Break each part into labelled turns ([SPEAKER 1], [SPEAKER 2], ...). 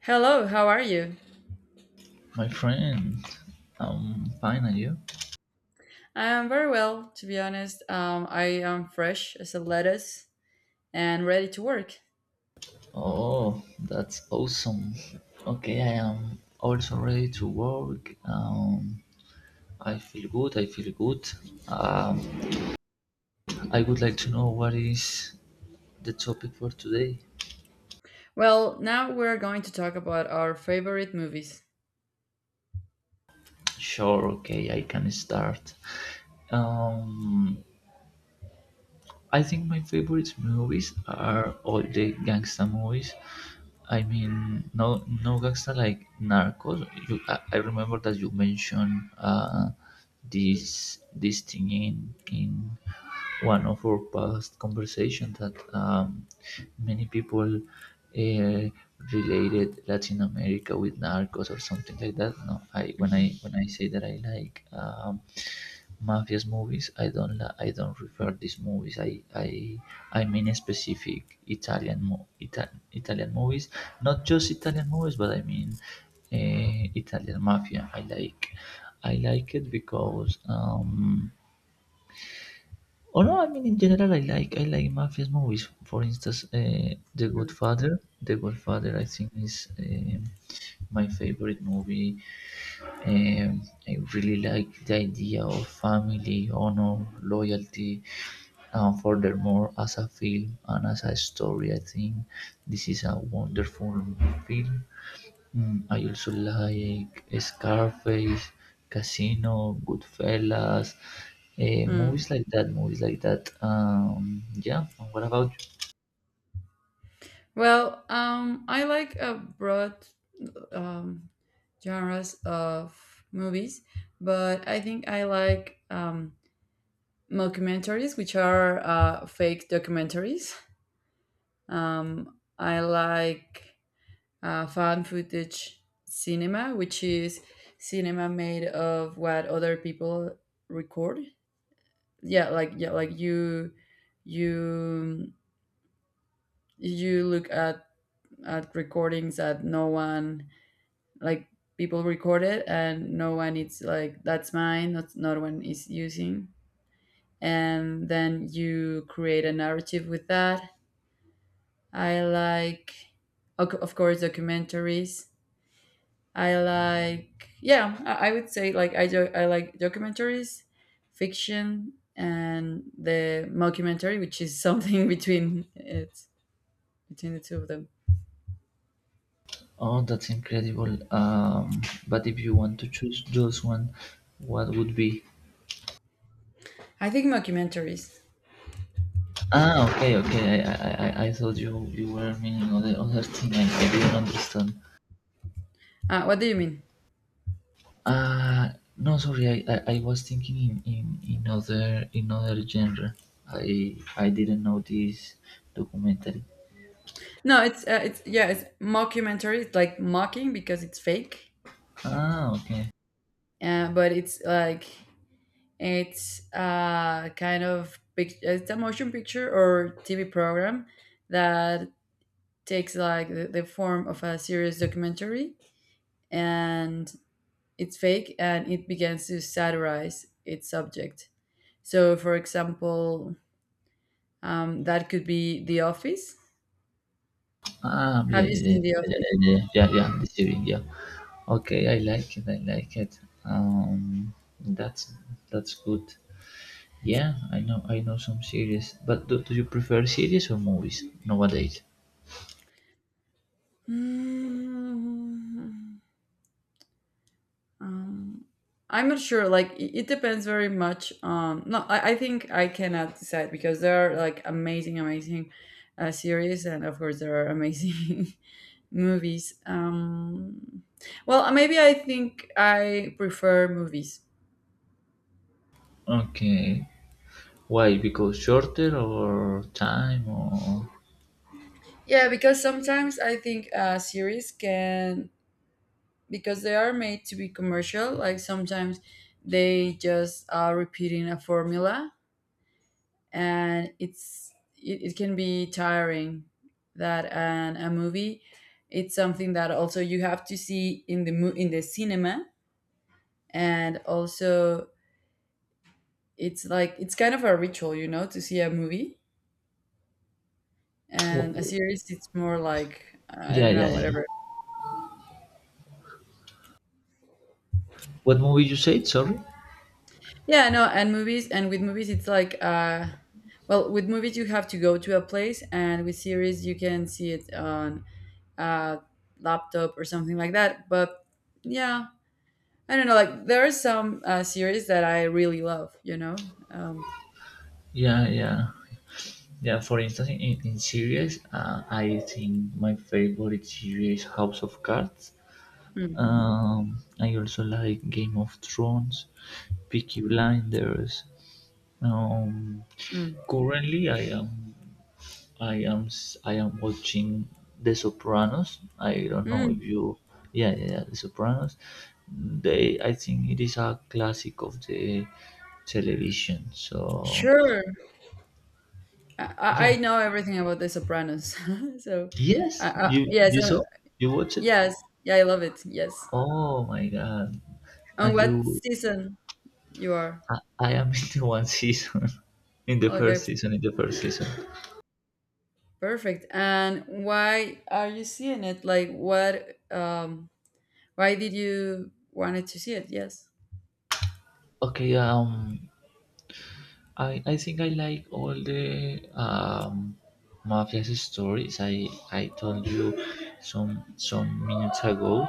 [SPEAKER 1] Hello, how are you?
[SPEAKER 2] My friend, I'm fine, and you?
[SPEAKER 1] I am very well, to be honest. I am fresh as a lettuce and ready to work.
[SPEAKER 2] Oh, that's awesome. Okay, I am also ready to work. I feel good. Um, I would like to know what is the topic for today.
[SPEAKER 1] Well, now we're going to talk about our favorite movies.
[SPEAKER 2] Sure, okay, I can start. Um, I think my favorite movies are all the gangsta movies. I mean, no, no gangsta like Narcos. I remember that you mentioned this thing in one of our past conversation that many people related Latin America with Narcos or something like that. No, I when I
[SPEAKER 1] Mhm.
[SPEAKER 2] when I say that I like. Mafias movies I don't refer these movies I mean specific italian movies not just italian movies but I mean italian mafia I like it because or no I mean in general I like mafias movies for instance
[SPEAKER 1] Mm,
[SPEAKER 2] the good father I think is my favorite movie. I really like the idea of family, honor, loyalty, and furthermore, as a film and as a story, I think this is a wonderful film. I also like Scarface, Casino, Goodfellas,
[SPEAKER 1] mm.
[SPEAKER 2] movies like that. Yeah, and what about you?
[SPEAKER 1] Well, I like a broad um, genres of movies, but I think I like mockumentaries, which are fake documentaries. I like found footage cinema, which is cinema made of what other people record. Yeah, like yeah, like you you you look at recordings that no one, like, people recorded and no one, it's like that's mine, not no one is using, and then you create a narrative with that. I like, of course, documentaries. I like, yeah, I would say like I do, I like documentaries, fiction, and the mockumentary, which is something between it between the two of them.
[SPEAKER 2] Oh, that's incredible. But if you want to choose just one, what would be?
[SPEAKER 1] I think mockumentaries.
[SPEAKER 2] Ah, okay, okay. I thought you were meaning other thing. I didn't understand.
[SPEAKER 1] What do you mean?
[SPEAKER 2] Ah, no, sorry. I was thinking in other genre. I didn't know this documentary.
[SPEAKER 1] No, it's yeah, it's mockumentary. It's like mocking because it's fake,
[SPEAKER 2] Ah, okay.
[SPEAKER 1] but it's like it's it's a motion picture or TV program that takes like the form of a serious documentary, and it's fake and it begins to satirize its subject. So, for example, that could be The Office.
[SPEAKER 2] Ah,
[SPEAKER 1] Have you seen The Office?
[SPEAKER 2] yeah, the series, yeah. Okay, I like it. I like it. That's good. Yeah, I know. I know some series, but do you prefer series or movies nowadays?
[SPEAKER 1] Mm. Um, I'm not sure. Like, it depends very much on. No, I think I cannot decide because there are like amazing, amazing series, and of course, there are amazing movies. Well, maybe I think I prefer movies.
[SPEAKER 2] Okay, why? Because shorter or time or
[SPEAKER 1] Yeah, because sometimes I think series can, because they are made to be commercial. Like sometimes they just are repeating a formula, and it can be tiring. That, and a movie, it's something that also you have to see in the in the cinema, and also it's like it's kind of a ritual, you know, to see a movie. And a
[SPEAKER 2] wh-
[SPEAKER 1] series, it's more like, I
[SPEAKER 2] yeah,
[SPEAKER 1] don't
[SPEAKER 2] yeah,
[SPEAKER 1] know,
[SPEAKER 2] yeah.
[SPEAKER 1] whatever.
[SPEAKER 2] What movie you said? Sorry.
[SPEAKER 1] Yeah, no, and movies, and with movies it's like uh, well, with movies you have to go to a place, and with series you can see it on a laptop or something like that. But yeah, I don't know, like there are some series that I really love, you know.
[SPEAKER 2] Yeah, yeah, yeah. For instance, in series, I think my favorite series House of Cards.
[SPEAKER 1] Mm, mhm,
[SPEAKER 2] I also like Game of Thrones, Peaky Blinders. Um,
[SPEAKER 1] mm,
[SPEAKER 2] currently, I am watching The Sopranos. I don't know if
[SPEAKER 1] mm.
[SPEAKER 2] you yeah yeah The Sopranos. They I think it is a classic of the television. So
[SPEAKER 1] Sure. I,
[SPEAKER 2] yeah.
[SPEAKER 1] I I know everything about The Sopranos. So,
[SPEAKER 2] Yes,
[SPEAKER 1] yes,
[SPEAKER 2] you saw you watched it.
[SPEAKER 1] yes, yeah, I love it. Yes.
[SPEAKER 2] Oh my god!
[SPEAKER 1] On
[SPEAKER 2] And
[SPEAKER 1] what
[SPEAKER 2] you,
[SPEAKER 1] season you are?
[SPEAKER 2] I am in the one season, in the first
[SPEAKER 1] Okay.
[SPEAKER 2] season, in the first season.
[SPEAKER 1] Perfect. And why are you seeing it? Like, what? Why did you wanted to see it? Yes.
[SPEAKER 2] Okay, I think I like all the mafia's stories. I told you some minutes ago.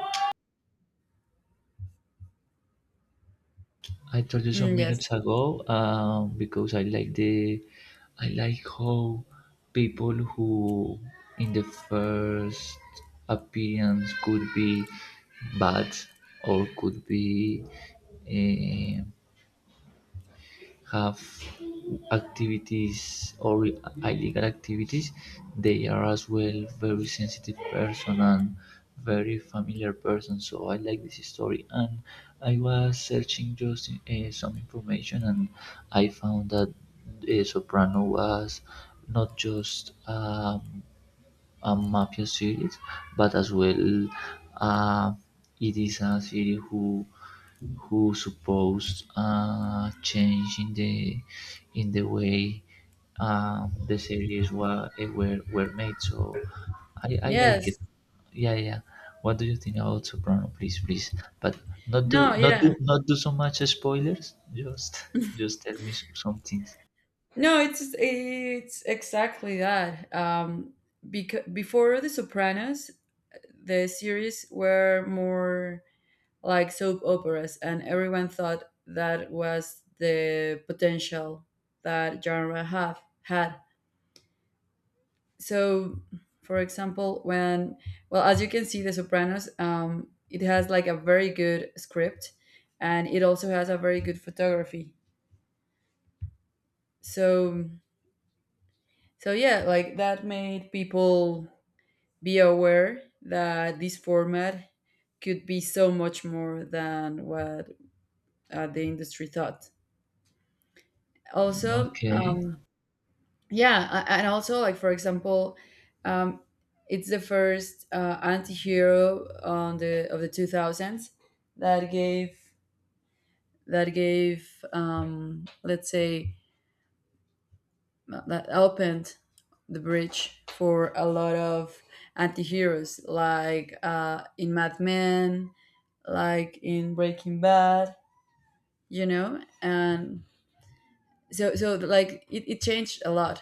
[SPEAKER 2] I told you some
[SPEAKER 1] Mm, yes.
[SPEAKER 2] minutes ago because I like the I like how people who in the first appearance could be bad or could be eh, have activities or illegal activities, they are as well very sensitive person and very familiar person. So I like this story, and I was searching just some information, and I found that Soprano was not just a mafia series, but as well uh, it is a series who supposed change in the way the series were made. So I like it.
[SPEAKER 1] Yes.
[SPEAKER 2] Yeah, yeah. What do you think about Soprano? Please, please. But
[SPEAKER 1] No. Yeah.
[SPEAKER 2] not do so much spoilers. Just just tell me some things.
[SPEAKER 1] No. It's exactly that. Because before The Sopranos, the series were more like soap operas, and everyone thought that was the potential that genre have had. So for example, when, well, as you can see, The Sopranos, um, it has like a very good script, and it also has a very good photography. So, so yeah, like that made people be aware that this format could be so much more than what the industry thought. Also,
[SPEAKER 2] Okay.
[SPEAKER 1] um, yeah, and also like, for example, um, it's the first anti-hero on the of the 2000s that gave, that gave um, let's say, that opened the bridge for a lot of anti-heroes, like in Mad Men, like in Breaking Bad, you know. And so so like it changed a lot.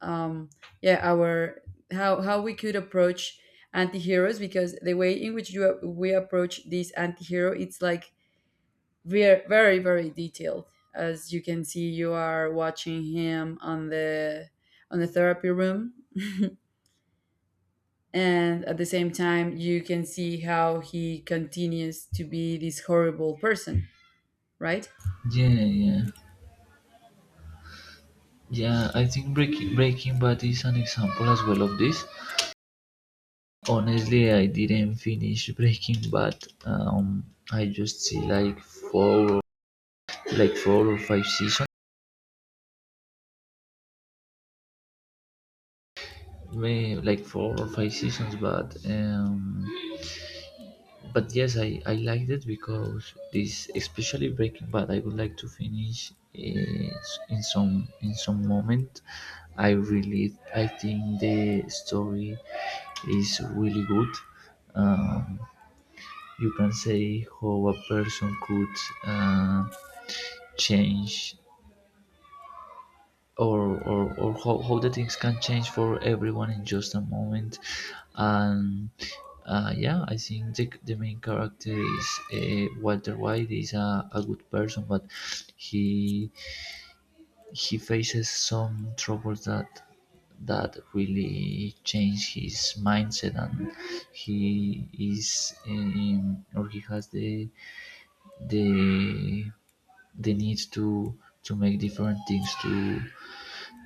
[SPEAKER 1] Um, yeah, our, how we could approach anti-heroes, because the way in which you we approach this anti-hero, it's like very, very, very detailed, as you can see you are watching him on the therapy room, and at the same time you can see how he continues to be this horrible person, right?
[SPEAKER 2] Yeah, yeah. Yeah, I think Breaking Bad is an example as well of this. Honestly, I didn't finish Breaking Bad. Um, I just see like four or five seasons, may like four or five seasons. But yes, I liked it because this, especially Breaking Bad, I would like to finish in some moment. I think the story is really good. Um, you can say how a person could uh, change or how the things can change for everyone in just a moment and yeah I think the main character is walter white is a good person but he he faces some troubles that that really change his mindset and he is or he has the they they need to make different things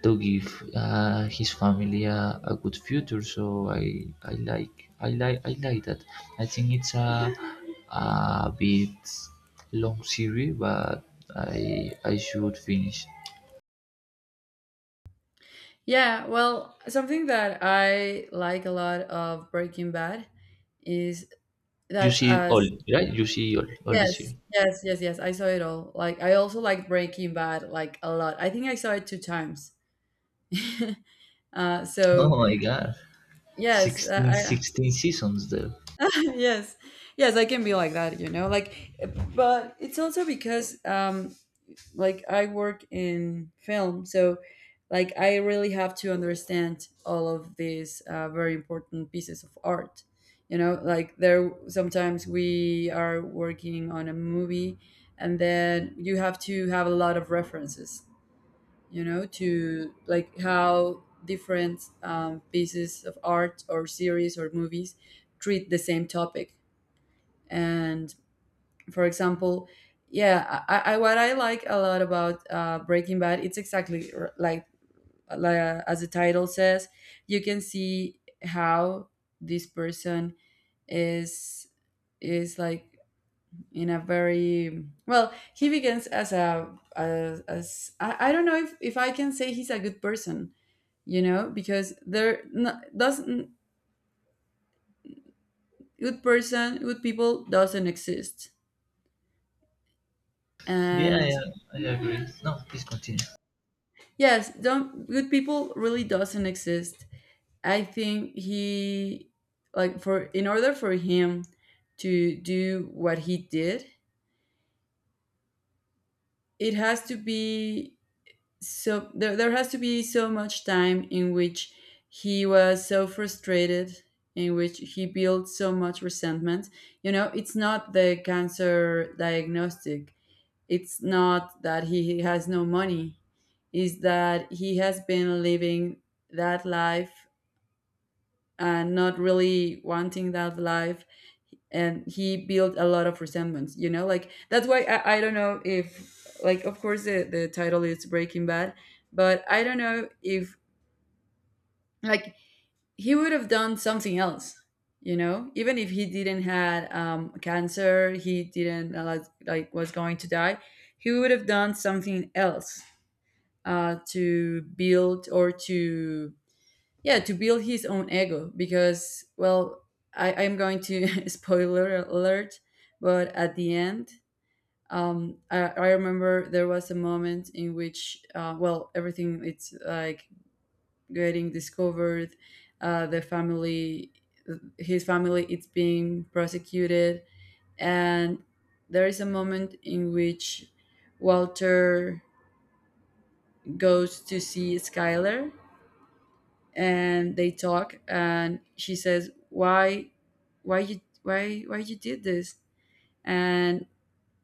[SPEAKER 2] to give his family a good future so I like that I think it's a bit long series but I should finish
[SPEAKER 1] Yeah, well, something that I like a lot of Breaking Bad is
[SPEAKER 2] you
[SPEAKER 1] that
[SPEAKER 2] see all
[SPEAKER 1] as
[SPEAKER 2] right you see all the
[SPEAKER 1] Yes,
[SPEAKER 2] series
[SPEAKER 1] yes, yes, yes. I saw it all. Like, I also like Breaking Bad like a lot. I think I saw it two times.
[SPEAKER 2] oh
[SPEAKER 1] So
[SPEAKER 2] my god
[SPEAKER 1] yes,
[SPEAKER 2] 16
[SPEAKER 1] I
[SPEAKER 2] seasons there
[SPEAKER 1] yes, yes, I can be like that, you know. Like, but it's also because like I work in film, so like I really have to understand all of these very important pieces of art, you know. Like there, sometimes we are working on a movie, and then you have to have a lot of references, you know, to like how different pieces of art or series or movies treat the same topic. And, for example, yeah, I what I like a lot about Breaking Bad, it's exactly like as the title says, you can see how this person is is like, in a very, well, he begins as a as, as I don't know if I can say he's a good person, you know, because there no doesn't, good person, good people doesn't exist.
[SPEAKER 2] yeah
[SPEAKER 1] And
[SPEAKER 2] yeah I agree no please continue.
[SPEAKER 1] yes, don't, good people really doesn't exist. I think he, like, for in order for him to do what he did, it has to be so, there has to be so much time in which he was so frustrated, in which he built so much resentment. You know, it's not the cancer diagnostic. It's not that he has no money. Is that he has been living that life and not really wanting that life, and he built a lot of resentments, you know. Like, that's why I don't know if, like, of course the title is Breaking Bad, but I don't know if, like, he would have done something else, you know, even if he didn't had cancer, he didn't like, was going to die, he would have done something else to build or to, yeah, to build his own ego. Because, well, I'm going to spoiler alert, but at the end, I remember there was a moment in which well, everything it's like getting discovered, the family, his family, it's being prosecuted. And there is a moment in which Walter goes to see Skylar, and they talk, and she says, why you, why you did this, and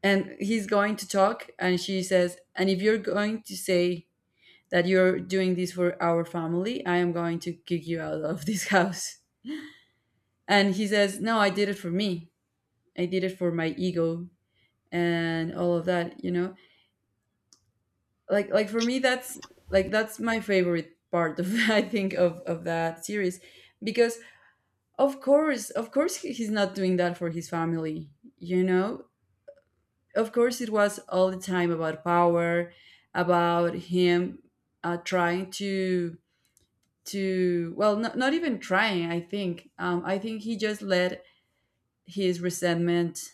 [SPEAKER 1] and he's going to talk, and she says, and if you're going to say that you're doing this for our family, I am going to kick you out of this house. And he says, no, I did it for me, I did it for my ego, and all of that, you know. Like for me, that's like that's my favorite part of I think of that series. Because of course, of course, he's not doing that for his family, you know. Of course, it was all the time about power, about him, trying to, well, not even trying, I think I think he just let his resentment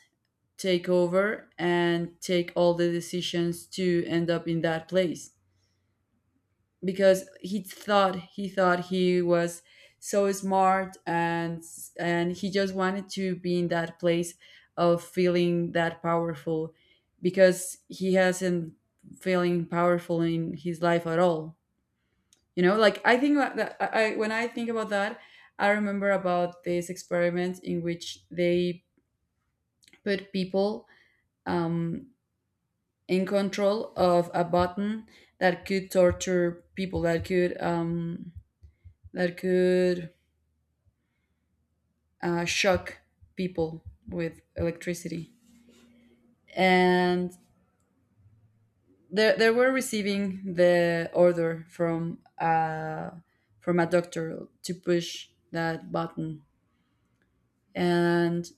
[SPEAKER 1] take over and take all the decisions, to end up in that place because he thought, he thought he was so smart, and he just wanted to be in that place of feeling that powerful, because he hasn't feeling powerful in his life at all, you know. Like, I think that I when I think about that, I remember about this experiment in which they put people, um, in control of a button that could torture people, that could shock people with electricity. And they were receiving the order from a doctor to push that button, and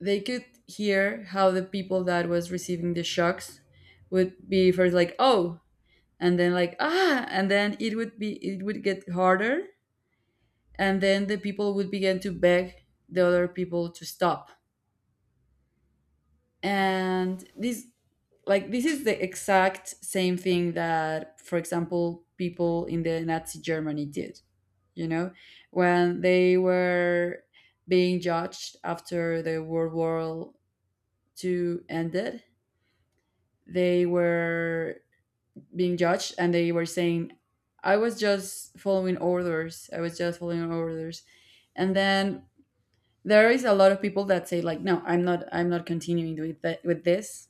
[SPEAKER 1] they could hear how the people that was receiving the shocks would be first like oh, and then like ah, and then it would be it would get harder, and then the people would begin to beg the other people to stop. And this, like, this is the exact same thing that, for example, people in the Nazi Germany did, you know, when they were being judged after the World War Two ended. They were being judged, and they were saying, I was just following orders, I was just following orders. And then there is a lot of people that say like, no, I'm not, I'm not continuing with that, with this.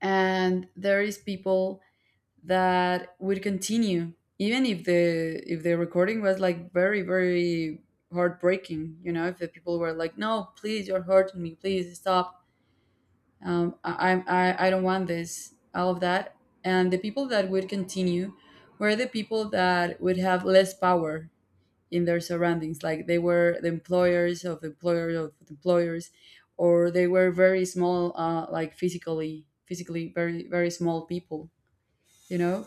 [SPEAKER 1] And there is people that would continue even if the recording was like very, very heartbreaking, you know, if the people were like, no, please, you're hurting me, please stop, I, I'm- I don't want this, all of that. And the people that would continue were the people that would have less power in their surroundings. Like, they were the employers of the employers, or they were very small, like physically, physically very, very small people, you know.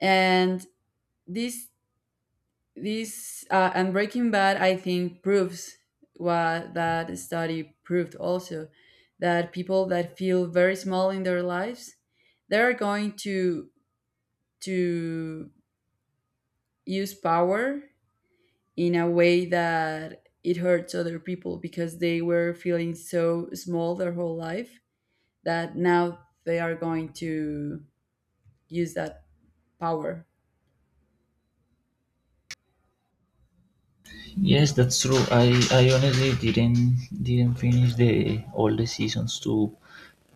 [SPEAKER 1] And this this and Breaking Bad, I think, proves what that study proved also, that people that feel very small in their lives, they are going to use power in a way that it hurts other people, because they were feeling so small their whole life that now they are going to use that power.
[SPEAKER 2] Yes, that's true. I honestly didn't finish the all the seasons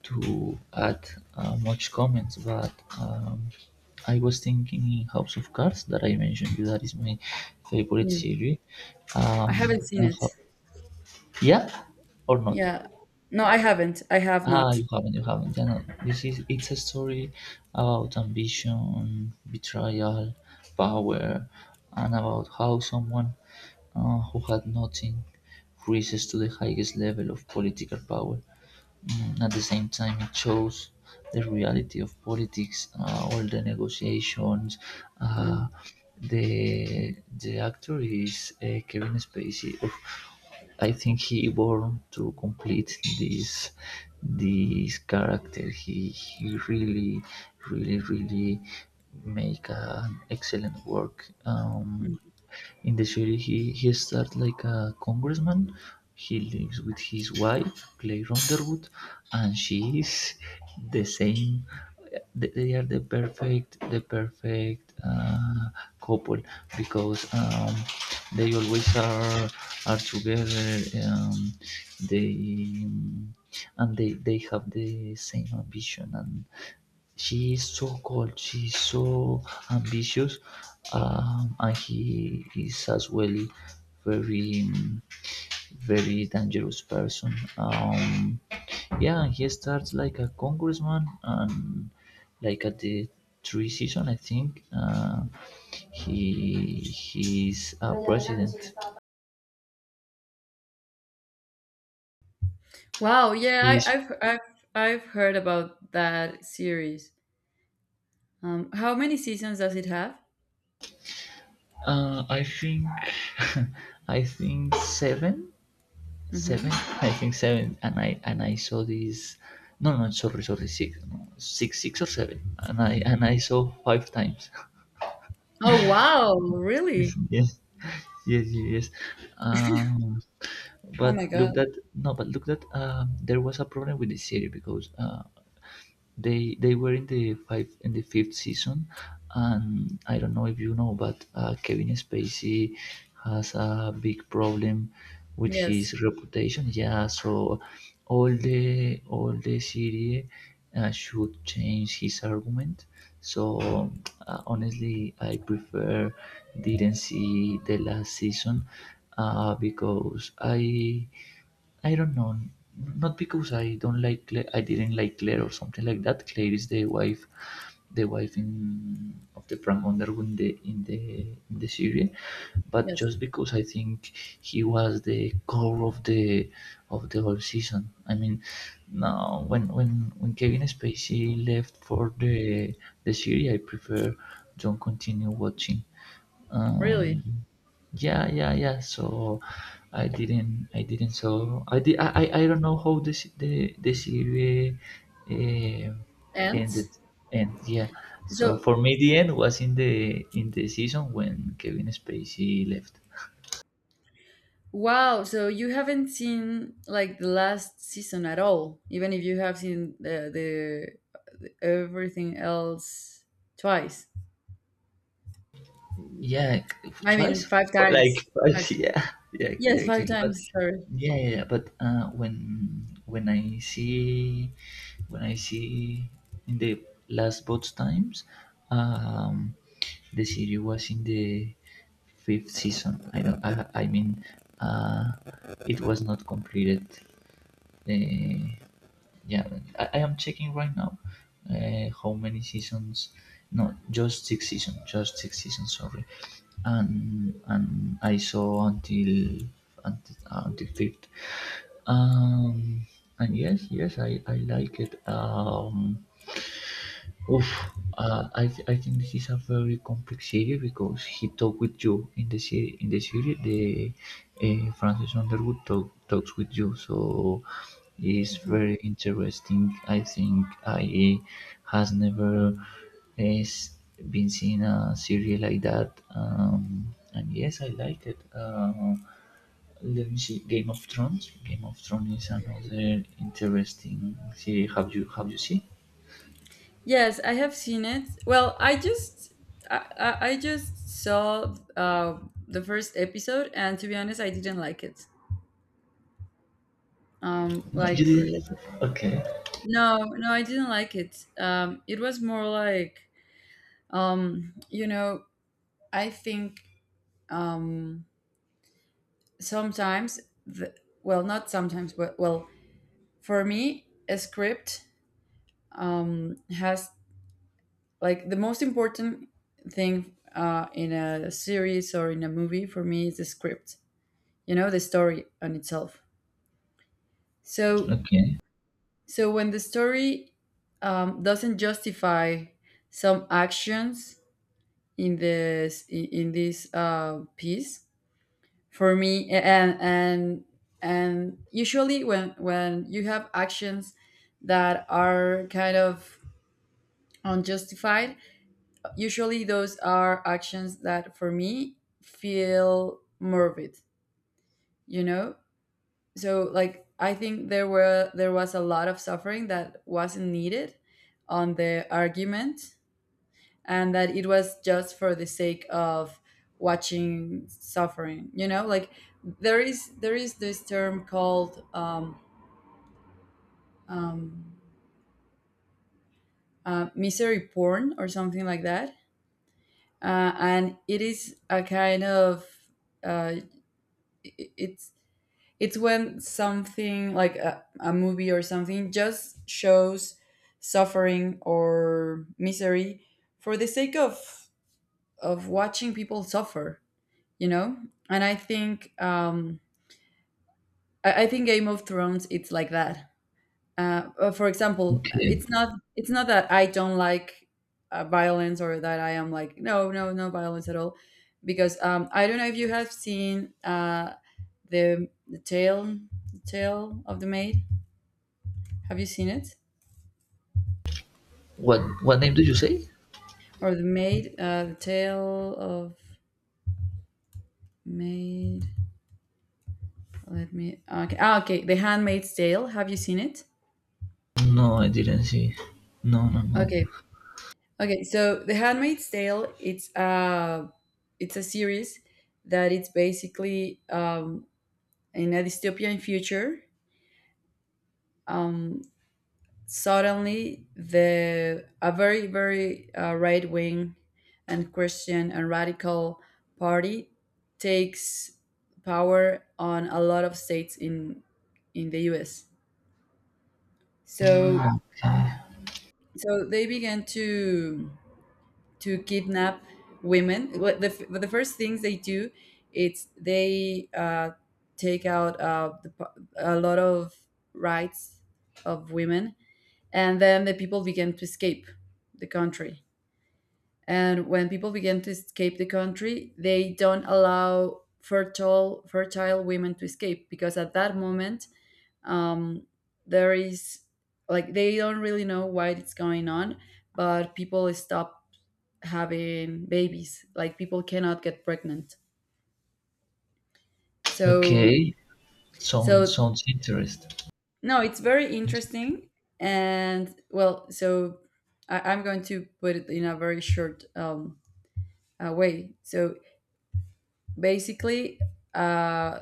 [SPEAKER 2] to add much comments, but um, I was thinking in House of Cards that I mentioned you that is my favorite
[SPEAKER 1] Mm.
[SPEAKER 2] series.
[SPEAKER 1] I
[SPEAKER 2] Um,
[SPEAKER 1] haven't seen
[SPEAKER 2] and
[SPEAKER 1] it.
[SPEAKER 2] yeah, or not?
[SPEAKER 1] Yeah. No, I haven't. I have
[SPEAKER 2] Ah,
[SPEAKER 1] not.
[SPEAKER 2] you haven't, you haven't. You know, this is it's a story about ambition, betrayal, power, and about how someone who had nothing rises to the highest level of political power. At the same time, it shows the reality of politics, all the negotiations. Uh,
[SPEAKER 1] Mm.
[SPEAKER 2] the actor is Kevin Spacey. Of I think he born to complete this character. He really really make an excellent work.
[SPEAKER 1] Mm.
[SPEAKER 2] In the series. He starts like a congressman. He lives with his wife, Claire Underwood, and she is the same. They are the perfect couple because they always are together. Um, they and they have the same ambition and she is so cold. She is so ambitious and he is as well very um, very dangerous person. Yeah he starts like a congressman and like at the three season I think he he's a president
[SPEAKER 1] Wow. Yeah, I,
[SPEAKER 2] he's
[SPEAKER 1] I've heard about that series. How many seasons does it have?
[SPEAKER 2] I think I think seven seven
[SPEAKER 1] Hmm.
[SPEAKER 2] I think seven and I saw this no no sorry sorry six no, six or seven and I saw five times.
[SPEAKER 1] Oh wow! Really?
[SPEAKER 2] Yes, yes. um
[SPEAKER 1] Oh
[SPEAKER 2] but
[SPEAKER 1] my
[SPEAKER 2] look
[SPEAKER 1] god!
[SPEAKER 2] that no but look that there was a problem with the series because they were in the five in the fifth season, and I don't know if you know, but Kevin Spacey has a big problem with his
[SPEAKER 1] Yes.
[SPEAKER 2] reputation. Yeah, so all the series should change his argument. So honestly, I prefer didn't see the last season because I don't know. Not because I don't like Claire, I didn't like Claire or something like that. Claire is the wife in of the prank Underwood in the in the series, but
[SPEAKER 1] Yes.
[SPEAKER 2] just because I think he was the core of the whole season. I mean, now when Kevin Spacey left for the series, I prefer don't continue watching. Um,
[SPEAKER 1] Really.
[SPEAKER 2] yeah, yeah, yeah. So I didn't. So I did. I don't know how the series uh,
[SPEAKER 1] And
[SPEAKER 2] ended. And yeah, so
[SPEAKER 1] so,
[SPEAKER 2] for me, the end was in the season when Kevin Spacey left.
[SPEAKER 1] wow, so you haven't seen like the last season at all, even if you have seen the everything else twice.
[SPEAKER 2] Yeah,
[SPEAKER 1] I mean,
[SPEAKER 2] twice,
[SPEAKER 1] five
[SPEAKER 2] but like
[SPEAKER 1] times. Five
[SPEAKER 2] twice.
[SPEAKER 1] times.
[SPEAKER 2] Yeah, yeah, yeah,
[SPEAKER 1] Yes, five
[SPEAKER 2] exactly. But
[SPEAKER 1] times. Sorry.
[SPEAKER 2] yeah, yeah, yeah. But when I see when I see in the last both times, um, the series was in the fifth season. I don't. I mean, uh, it was not completed. Uh, yeah I am checking right now how many seasons no just six seasons just six seasons sorry and I saw until until fifth um and yes yes I like it. Oof, I think this is a very complex series because he talked with you in the series. In the series, the Francis Underwood talks with you, so it's
[SPEAKER 1] Mhm.
[SPEAKER 2] very interesting. I think I has never has been seen a series like that, and yes, I like it. Let me see, Game of Thrones. Game of Thrones is another interesting series. Have you seen?
[SPEAKER 1] Yes, I have seen it. Well, I just saw the first episode, and to be honest, I didn't like it. Um,
[SPEAKER 2] No, you
[SPEAKER 1] like
[SPEAKER 2] didn't like it. Okay.
[SPEAKER 1] no, no, I didn't like it. It was more like you know, I think, um, sometimes the, well, not sometimes, but well, for me a script has, like, the most important thing in a series or in a movie, for me, is the script, you know, the story on itself. So,
[SPEAKER 2] Okay,
[SPEAKER 1] so when the story doesn't justify some actions in this piece, for me, and and usually, when you have actions that are kind of unjustified, usually those are actions that, for me, feel morbid, you know. So, like, I think there was a lot of suffering that wasn't needed on the argument, and that it was just for the sake of watching suffering, you know. Like, there is this term called um, misery porn, or something like that. And it is a kind of uh, i- it's it's when something, like a movie or something, just shows suffering or misery for the sake of watching people suffer, you know. And I think, I think Game of Thrones, it's like that. For example,
[SPEAKER 2] okay.
[SPEAKER 1] it's not, it's not that I don't like, violence, or that I am like, no, no, no violence at all. Because, I don't know if you have seen, the tale, the tale of the maid, have you seen it?
[SPEAKER 2] What name did you say?
[SPEAKER 1] Or the maid, the tale of maid, let me, okay, ah, okay, The Handmaid's Tale, have you seen it?
[SPEAKER 2] No, I didn't see. No, no, no.
[SPEAKER 1] Okay. Okay, so The Handmaid's Tale, it's a, it's a series that it's basically, in a dystopian future. Um, suddenly, the a very very right wing and Christian and radical party takes power on a lot of states in the U.S. So,
[SPEAKER 2] Okay,
[SPEAKER 1] so they began to kidnap women. What the the first things they do, it's they take out the, a lot of rights of women, and then the people began to escape the country. And when people began to escape the country, they don't allow fertile women to escape because at that moment, um, there is, like, they don't really know why it's going on, but people stop having babies, like, people cannot get pregnant. So,
[SPEAKER 2] okay. Sounds
[SPEAKER 1] so
[SPEAKER 2] sounds interesting.
[SPEAKER 1] no, it's very interesting. And, well, so I, I'm going to put it in a very short way. So basically, uh,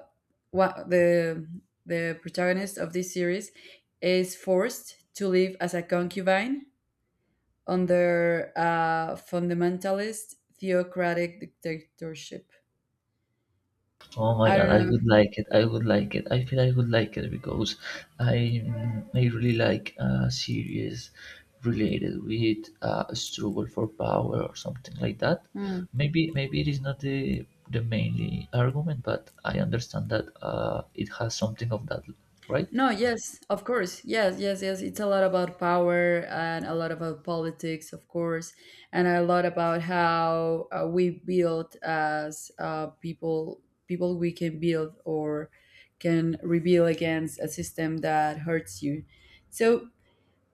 [SPEAKER 1] what the protagonist of this series is forced to live as a concubine under a fundamentalist theocratic dictatorship.
[SPEAKER 2] Oh my
[SPEAKER 1] I
[SPEAKER 2] god,
[SPEAKER 1] don't
[SPEAKER 2] I
[SPEAKER 1] know.
[SPEAKER 2] would like it. I would like it. I feel I would like it because I I really like a series related with a struggle for power or something like that.
[SPEAKER 1] Hmm.
[SPEAKER 2] Maybe maybe it is not the mainly argument, but I understand that it has something of that, right?
[SPEAKER 1] No, yes, of course. Yes, yes, yes. It's a lot about power and a lot about politics, of course, and a lot about how, we build as, people, people we can build, or can rebel against a system that hurts you. So,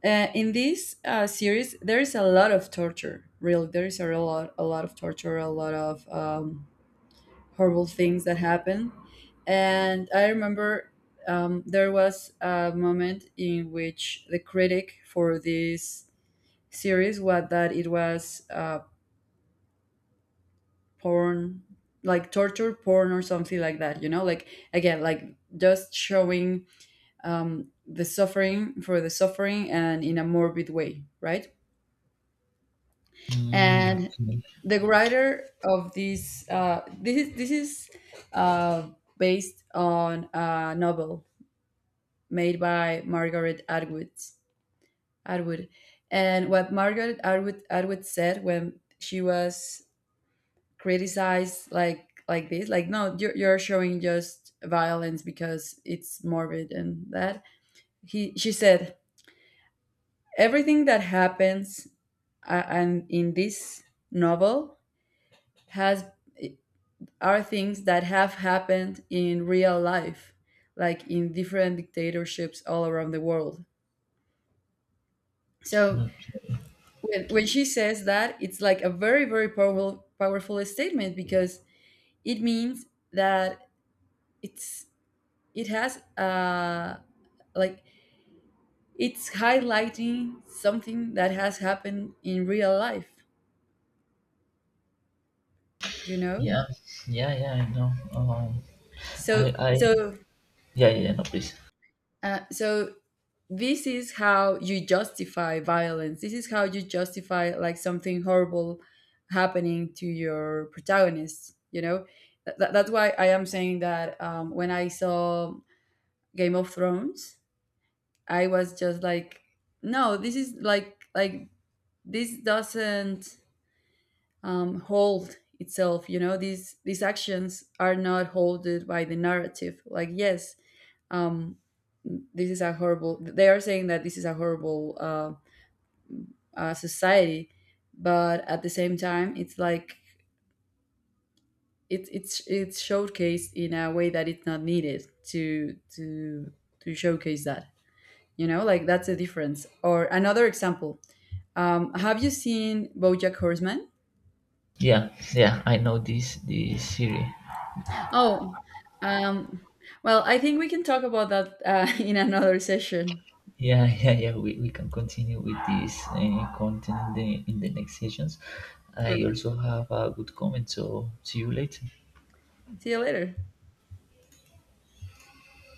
[SPEAKER 1] In this series, there is a lot of torture. Really, there is a lot of torture, a lot of horrible things that happen. And I remember, there was a moment in which the critic for this series was that it was porn, like torture porn or something like that. You know, like, again, like, just showing the suffering for the suffering, and in a morbid way, right?
[SPEAKER 2] Mm,
[SPEAKER 1] And the writer of this, this is uh, based on a novel made by Margaret Atwood. Atwood, and what Margaret Atwood said when she was criticized, like this, like, no, you're showing just violence because it's morbid and that. He she said everything that happens, and in this novel, has are things that have happened in real life, like, in different dictatorships all around the world. So,
[SPEAKER 2] no,
[SPEAKER 1] when she says that, it's like a very, very powerful, powerful statement, because it means that it's, it has, like it's highlighting something that has happened in real life, you know.
[SPEAKER 2] yeah, yeah, yeah. I know.
[SPEAKER 1] So,
[SPEAKER 2] I, I,
[SPEAKER 1] so
[SPEAKER 2] yeah, yeah, yeah, no, please.
[SPEAKER 1] uh, so this is how you justify violence. This is how you justify, like, something horrible happening to your protagonist. You know, that's why I am saying that, when I saw Game of Thrones, I was just like, no, this is like, this doesn't hold itself. You know, these actions are not holded by the narrative. Like, yes, um, this is a horrible, they are saying that this is a horrible, society. But at the same time, it's like, it's showcased in a way that it's not needed to showcase that, you know. Like, that's a difference, or another example, have you seen BoJack Horseman?
[SPEAKER 2] Yeah, yeah. I know this series.
[SPEAKER 1] Oh, um, well, I think we can talk about that, in another session.
[SPEAKER 2] Yeah, yeah, yeah. We can continue with this content in the next sessions. I
[SPEAKER 1] Perfect.
[SPEAKER 2] also have a good comment, so see you later.
[SPEAKER 1] See you later.